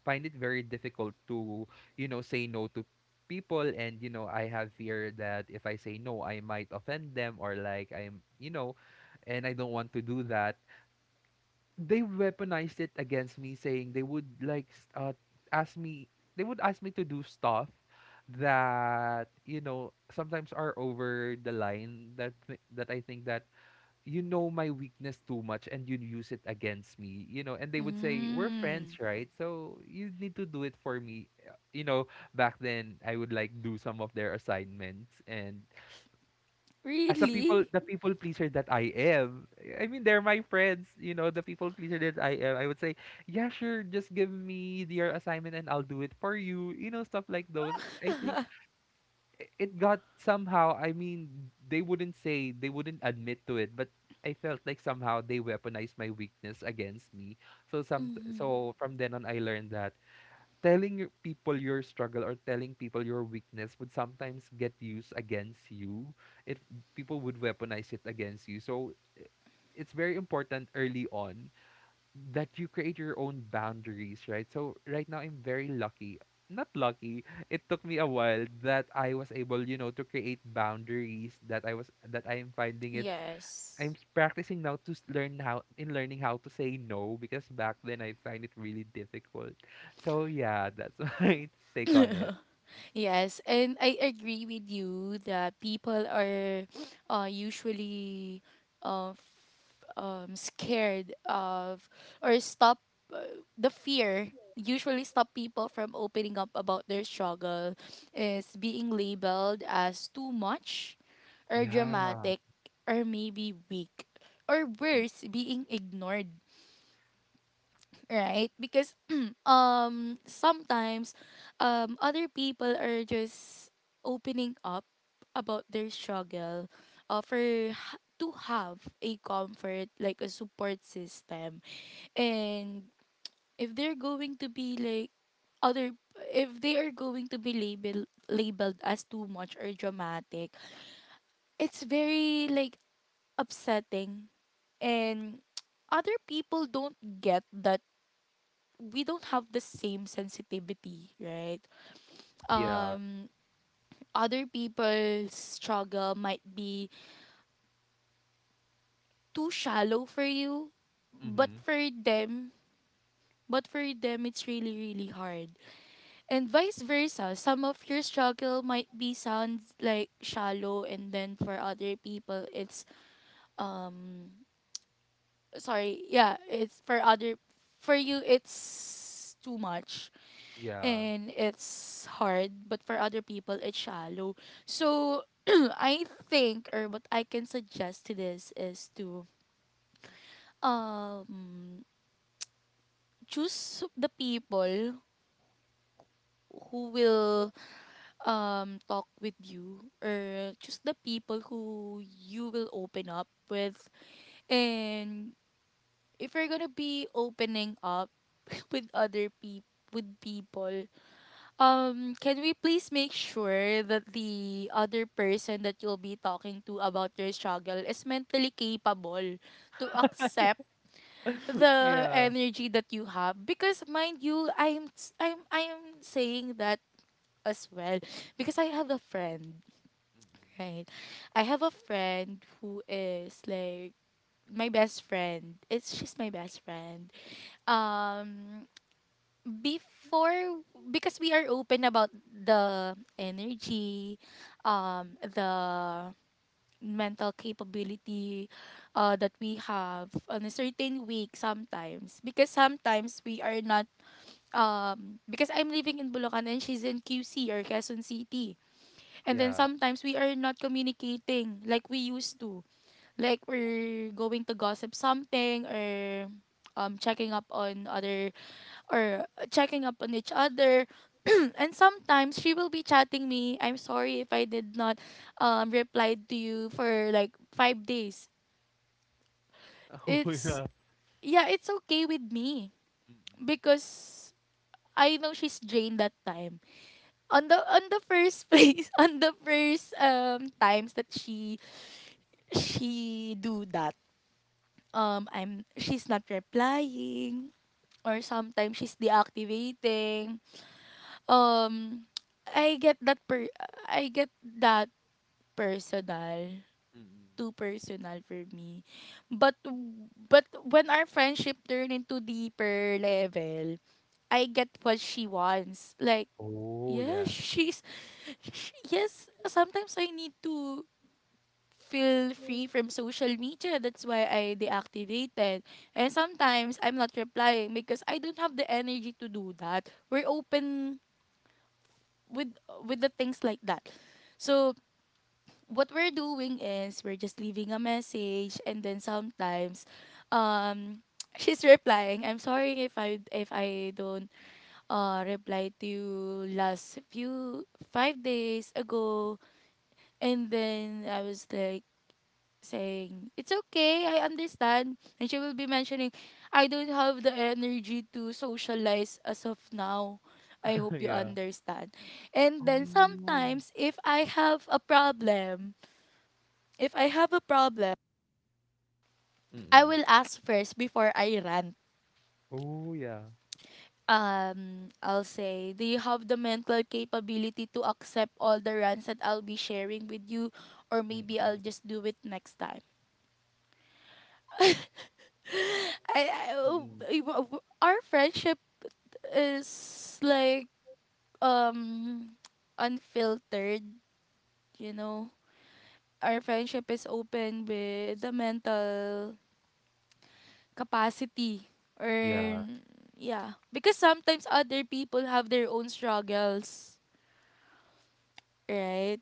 S2: find it very difficult to, you know, say no to people. And you know, I have fear that if I say no I might offend them, or like I'm. And I don't want to do that. They weaponized it against me, saying they would ask me. They would ask me to do stuff that, you know, sometimes are over the line, that that I think that you know my weakness too much and you use it against me, you know. And they would say we're
S1: Mm.
S2: friends, right, so you need to do it for me. You know, back then I would like do some of their assignments. And as a
S1: Really.
S2: people pleaser that I am, I mean they're my friends, you know, the people pleaser that I am, I would say yeah sure, just give me your assignment and I'll do it for you, you know, stuff like those. I think it got somehow, I mean, they wouldn't admit to it, but I felt like somehow they weaponized my weakness against me. So some
S1: Mm-hmm.
S2: so from then on I learned that telling your people your struggle, or telling people your weakness, would sometimes get used against you. If people would weaponize it against you, it's very important early on that you create your own boundaries, right? So right now I'm very lucky. Not lucky. It took me a while that I was able, you know, to create boundaries that I was that I am finding it.
S1: Yes.
S2: Practicing now to learning how to say no, because back then I find it really difficult. So yeah, that's my take on it.
S1: Yes, and I agree with you that people are usually uh, scared of or stop, the fear usually stop people from opening up about their struggle is being labeled as too much or
S2: Yeah.
S1: dramatic or maybe weak or worse being ignored, right? Because sometimes other people are just opening up about their struggle, for to have a comfort like a support system, and if they're going to be like other, if they are going to be labeled as too much or dramatic, it's very like upsetting. And other people don't get that we don't have the same sensitivity, right?
S2: Yeah.
S1: Um, Other people's struggle might be too shallow for you, but
S2: Mhm.
S1: for them, but for them, it's really, really hard. And vice versa, some of your struggle might be sounds like shallow, and then for other people, it's um, sorry, yeah, it's for other, for you, it's too much
S2: Yeah.
S1: and it's hard, but for other people it's shallow. So I think or what I can suggest to this is to um choose the people who will talk with you or choose the people who you will open up with. And if you're gonna be opening up with other people, with people, can we please make sure that the other person that you'll be talking to about your struggle is mentally capable to accept the
S2: Yeah.
S1: energy that you have? Because mind you, I'm saying that as well because I have a friend,
S2: Mm-mm.
S1: right? I have a friend who is like my best friend. It's she's my best friend. Um Before, because we are open about the energy, the mental capability that we have on a certain week, sometimes because sometimes we are not because I'm living in Bulacan and she's in QC or Quezon City, and then
S2: Yeah.
S1: sometimes we are not communicating like we used to. Like we're going to gossip something or checking up on other or checking up on each other. And sometimes she will be chatting me, I'm sorry if I did not reply to you for like 5 days.
S2: Oh
S1: It's
S2: yeah.
S1: yeah, it's okay with me
S2: Mm-mm.
S1: because I know she's drained that time. On the first place, on the first times that she do that. I'm she's not replying or sometimes she's deactivating. Um, I get that per I get that personal,
S2: Mm-mm.
S1: too personal for me. But when our friendship turned into deeper level, I get what she wants. Like,
S2: Oh
S1: yes,
S2: yeah.
S1: she's, sh yes, sometimes I need to feel free from social media. That's why I deactivated. And sometimes I'm not replying because I don't have the energy to do that. We're open with with the things like that. So what we're doing is we're just leaving a message, and then sometimes um she's replying, I'm sorry if I don't reply to you last few 5 days ago. And then I was like saying, it's okay, I understand. And she will be mentioning, I don't have the energy to socialize as of now. I hope you
S2: yeah.
S1: understand. And then
S2: Oh.
S1: sometimes, if I have a problem, if I have a problem, I
S2: Mm.
S1: will ask first before I rant.
S2: Oh, yeah.
S1: I'll say, do you have the mental capability to accept all the rants that I'll be sharing with you? Or maybe I'll
S2: Mm,
S1: just do it next time. I, I, oh,
S2: mm.
S1: I- w- w- Our friendship is like um unfiltered, you know. Our friendship is open with the mental capacity or
S2: Yeah,
S1: yeah, because sometimes other people have their own struggles, right?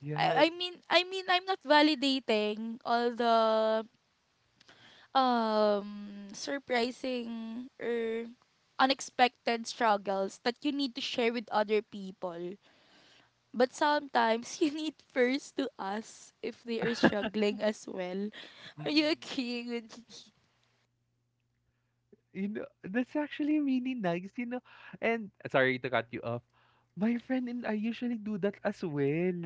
S2: yeah.
S1: I mean I'm not validating all the surprising or unexpected struggles that you need to share with other people. But sometimes you need first to ask if they are struggling as well. Are you
S2: Mm.
S1: agreeing with me?
S2: You know, that's actually really nice, you know, and sorry to cut you off. My friend and I usually do that as well.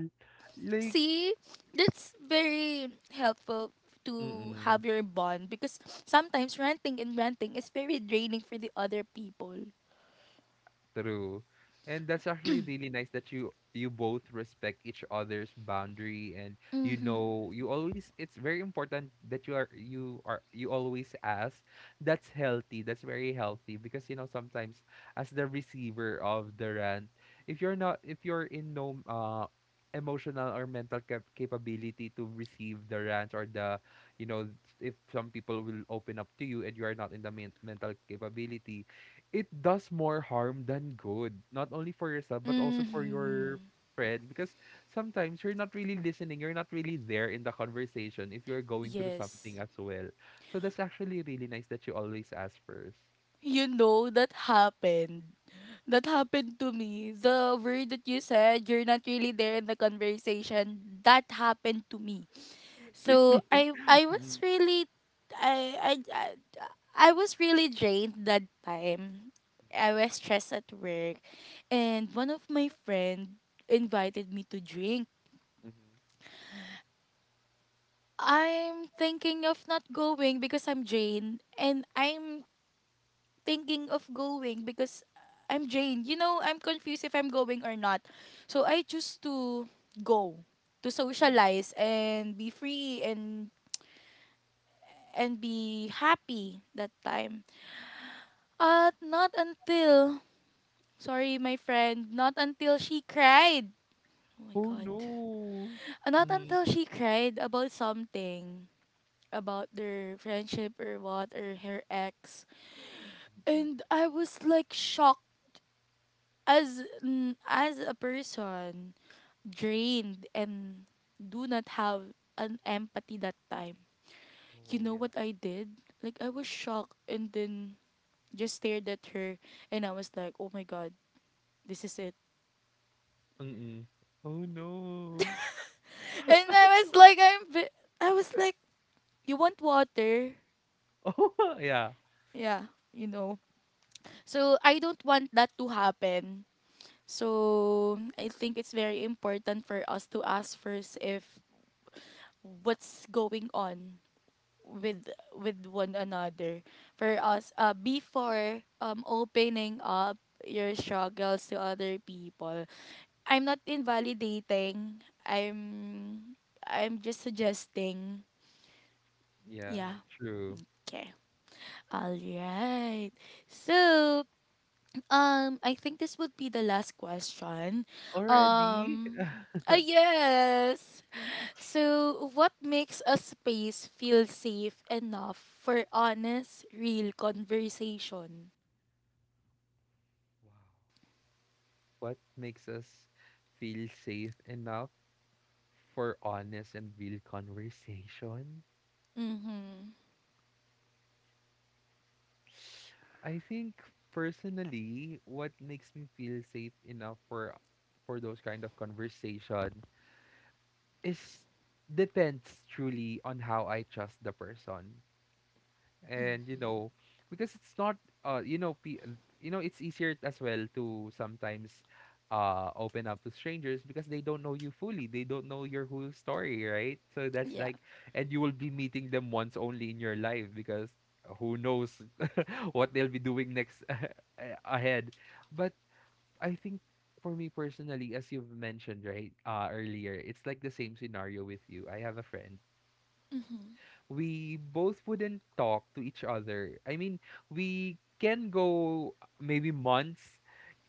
S2: Like.
S1: See, that's very helpful to
S2: Mm.
S1: have your bond because sometimes ranting and ranting is very draining for the other people.
S2: True. And that's actually really nice that you both respect each other's boundary. And you
S1: Mm-hmm.
S2: know, you always, it's very important that you always ask. That's healthy. That's very healthy, because you know, sometimes as the receiver of the rant, if you're not if you're in no emotional or mental capability to receive the rant or the, you know, if some people will open up to you and you are not in the mental capability, it does more harm than good, not only for yourself, but also for your
S1: Mm-hmm.
S2: friend. Because sometimes you're not really listening, you're not really there in the conversation if you're going through something
S1: Yes.
S2: as well. So that's actually really nice that you always ask first.
S1: You know that happened. That happened to me. The word that you said, you're not really there in the conversation. That happened to me.
S2: Really?
S1: So I was
S2: Mhm,
S1: really I I I, I was really drained that time. I
S2: mhm,
S1: was stressed at work, and one of my friend invited me to drink.
S2: mhm,
S1: I'm thinking of not going because I'm drained, and I'm thinking of going because I'm drained. You know, I'm confused if I'm going or not. So I choose to go to
S2: mhm.
S1: socialize and be free and be happy that time. At not until, sorry, my friend, not until she cried. Oh my
S2: Oh
S1: God.
S2: no.
S1: Not
S2: Mhm.
S1: until she cried about something, about their friendship or what, or her ex. And I was like shocked as as a person drained and do not have an empathy that time. You
S2: Oh
S1: know
S2: yeah.
S1: what I did? Like I was shocked and then just stared at her and I was like, "Oh my god, this is it."
S2: Mm-mm. Oh no.
S1: And I was like, I was like, you want water?
S2: Oh yeah.
S1: Yeah, you know. So I don't want that to happen. So I think it's very important for us to ask first if what's going on with with one another for us before opening up your struggles to other people. I'm not invalidating i'm i'm just suggesting.
S2: Yeah,
S1: Yeah,
S2: true.
S1: okay. All right. So, I think this would be the last question. Um,
S2: Already?
S1: yes. So, what makes a space feel safe enough for honest, real conversation?
S2: Wow. What makes us feel safe enough for honest and real conversation.
S1: Mm-hmm.
S2: I think personally, what makes me feel safe enough for those kind of conversation is depends truly on how I trust the person. And you know, because it's not uh you know pe- you know, it's easier as well to sometimes open up to strangers, because they don't know you fully, they don't know your whole story, right? So that's
S1: Yeah.
S2: like, and you will be meeting them once only in your life because who knows what they'll be doing next a- ahead. But I think for me personally, as you've mentioned right earlier, it's like the same scenario with you. I have a friend
S1: Mm-hmm.
S2: we both wouldn't talk to each other. I mean, we can go maybe months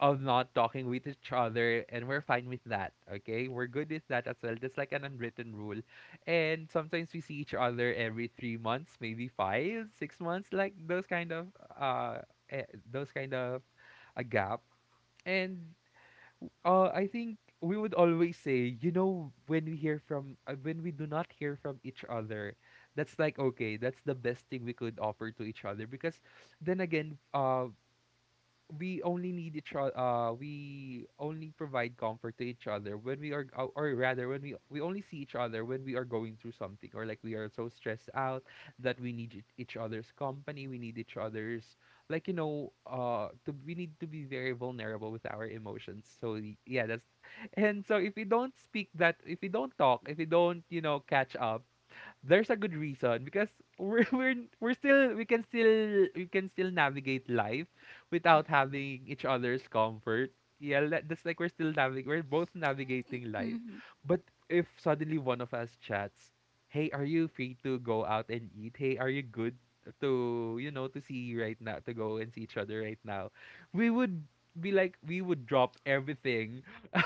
S2: of not talking with each other, and we're fine with that. Okay, we're good with that as well. That's like an unwritten rule. And sometimes we see each other every 3 months, maybe five, 6 months, like those kind of uh, eh, those kind of a gap. And I think we would always say, you know, when we hear from, when we do not hear from each other, that's like, okay, that's the best thing we could offer to each other. Because then again, we only need each other, we only provide comfort to each other when we are, or rather when we only see each other when we are going through something, or like we are so stressed out that we need each other's company, we need each other's, like, you know, we need to be very vulnerable with our emotions. So yeah, that's, and so if we don't speak, that if we don't talk, if we don't, you know, catch up, there's a good reason, because we're we're still, we can still, we can still navigate life without having each other's comfort. Yeah, that's like we're still navig we're both navigating life.
S1: Mm-hmm.
S2: But if suddenly one of us chats, "Hey, are you free to go out and eat? Hey, are you good to, you know, to see right now, to go and see each other right now?" We would be like, we would drop everything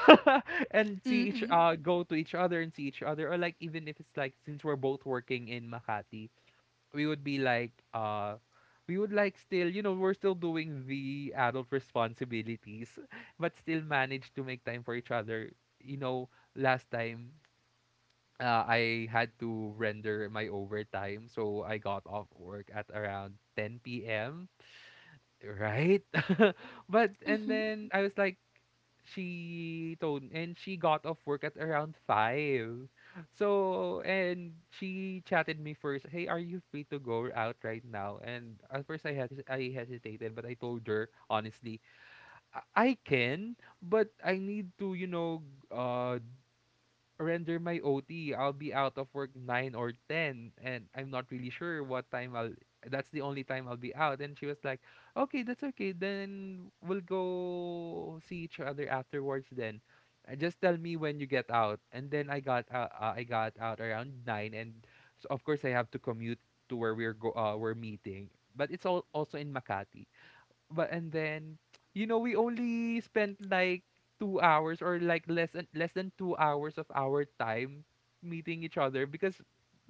S2: and see each
S1: Mm-hmm.
S2: go to each other and see each other. Or like, even if it's like, since we're both working in Makati, we would be like, we would like still, you know, we're still doing the adult responsibilities but still manage to make time for each other, you know. Last time, I had to render my overtime, so I got off work at around 10 p.m. Right? But and
S1: Mm-hmm.
S2: then I was like, she told, and she got off work at around 5. So and she chatted me first, "Hey, are you free to go out right now?" And at first I hesitated, but I told her honestly, I can, but I need to, you know, uh render my OT. I'll be out of work 9 or 10 and I'm not really sure what time I'll, that's the only time I'll be out." And she was like, "Okay, that's okay. Then we'll go see each other afterwards then. Just tell me when you get out." And then I got out around 9. And so of course I have to commute to where we're go we're meeting. But it's all also in Makati. But and then, you know, we only spent like 2 hours, or like less than, less than 2 hours of our time meeting each other, because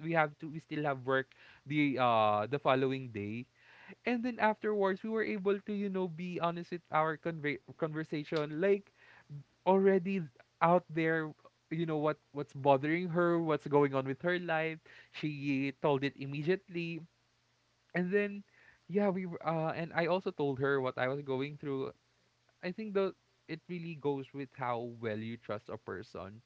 S2: we still have work the following day. And then afterwards we were able to, you know, be honest with our conversation, like already out there, you know, what what's bothering her, what's going on with her life. She told it immediately. And then yeah, and I also told her what I was going through. I think though it really goes with how well you trust a person.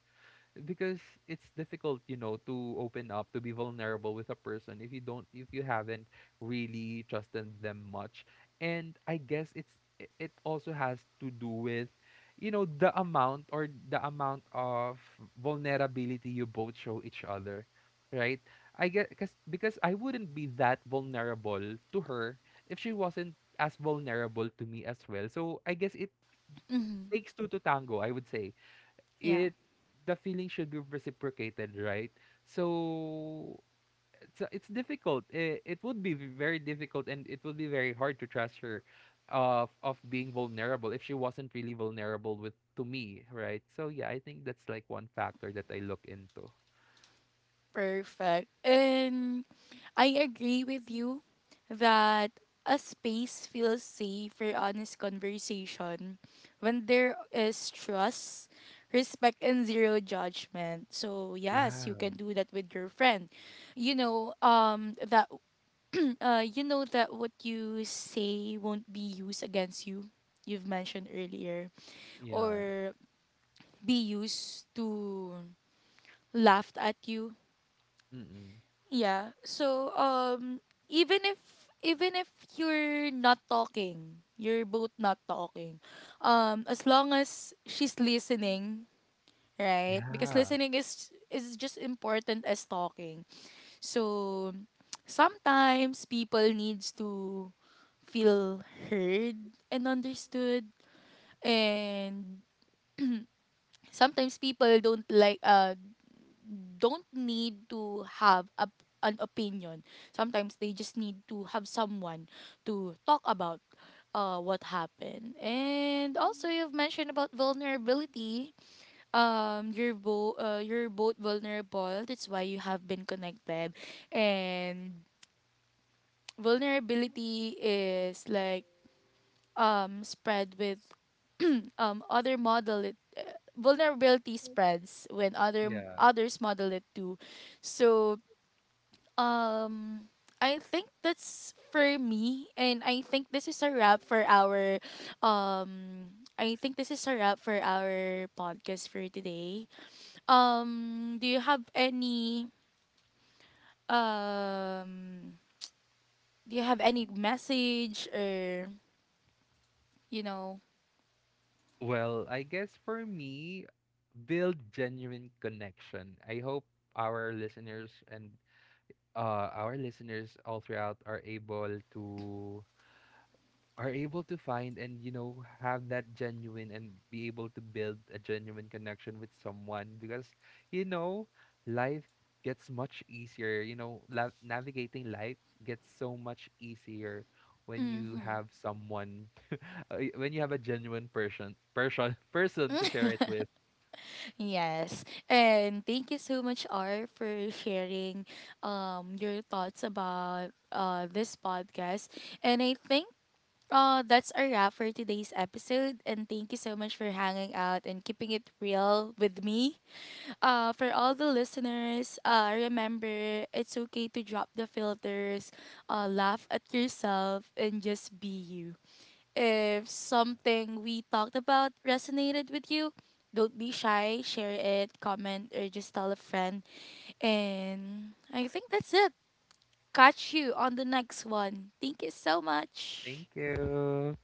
S2: Because it's difficult, you know, to open up, to be vulnerable with a person, if you don't if you haven't really trusted them much. And I guess it also has to do with, you know, the amount of vulnerability you both show each other, right? I get because I wouldn't be that vulnerable to her if she wasn't as vulnerable to me as well. So I guess it
S1: Mm-hmm.
S2: takes two to tango, I would say.
S1: Yeah.
S2: It The feeling should be reciprocated, right? So it's difficult. It would be very difficult and it would be very hard to trust her of being vulnerable, if she wasn't really vulnerable with to me, right? So yeah, I think that's like one factor that I look into.
S1: Perfect. And I agree with you that a space feels safe for honest conversation when there is trust, respect, and zero judgment. So yes,
S2: Yeah.
S1: you can do that with your friend. You know, that you know that what you say won't be used against you. You've mentioned earlier,
S2: Yeah.
S1: or be used to laughed at you.
S2: Mm-mm.
S1: Yeah. So even if even if you're not talking, you're both not talking. As long as she's listening, right? Because
S2: Yeah.
S1: listening is just important as talking. So sometimes people needs to feel heard and understood, and sometimes people don't like don't need to have a, an opinion. Sometimes they just need to have someone to talk about what happened. And also, you've mentioned about vulnerability. You're both vulnerable. That's why you have been connected. And vulnerability is like spread with other model it vulnerability spreads when other
S2: Yeah.
S1: others model it too. So Um, I think that's for me, and I think this is a wrap for our, um, I think this is a wrap for our podcast for today. Do you have any um, do you have any message or you know?
S2: Well, I guess for me, build genuine connection. I hope our listeners and our listeners all throughout are able to, are able to find, and you know, have that genuine and be able to build a genuine connection with someone. Because you know, life gets much easier, you know, navigating life gets so much easier when you
S1: Mm-hmm.
S2: have someone when you have a genuine person person person to share it with.
S1: Yes, and thank you so much, R, for sharing your thoughts about this podcast, and I think that's a wrap for today's episode, and thank you so much for hanging out and keeping it real with me. For all the listeners, remember it's okay to drop the filters, laugh at yourself, and just be you. If something we talked about resonated with you, don't be shy, share it, comment, or just tell a friend. And I think that's it. Catch you on the next one. Thank you so much.
S2: Thank you.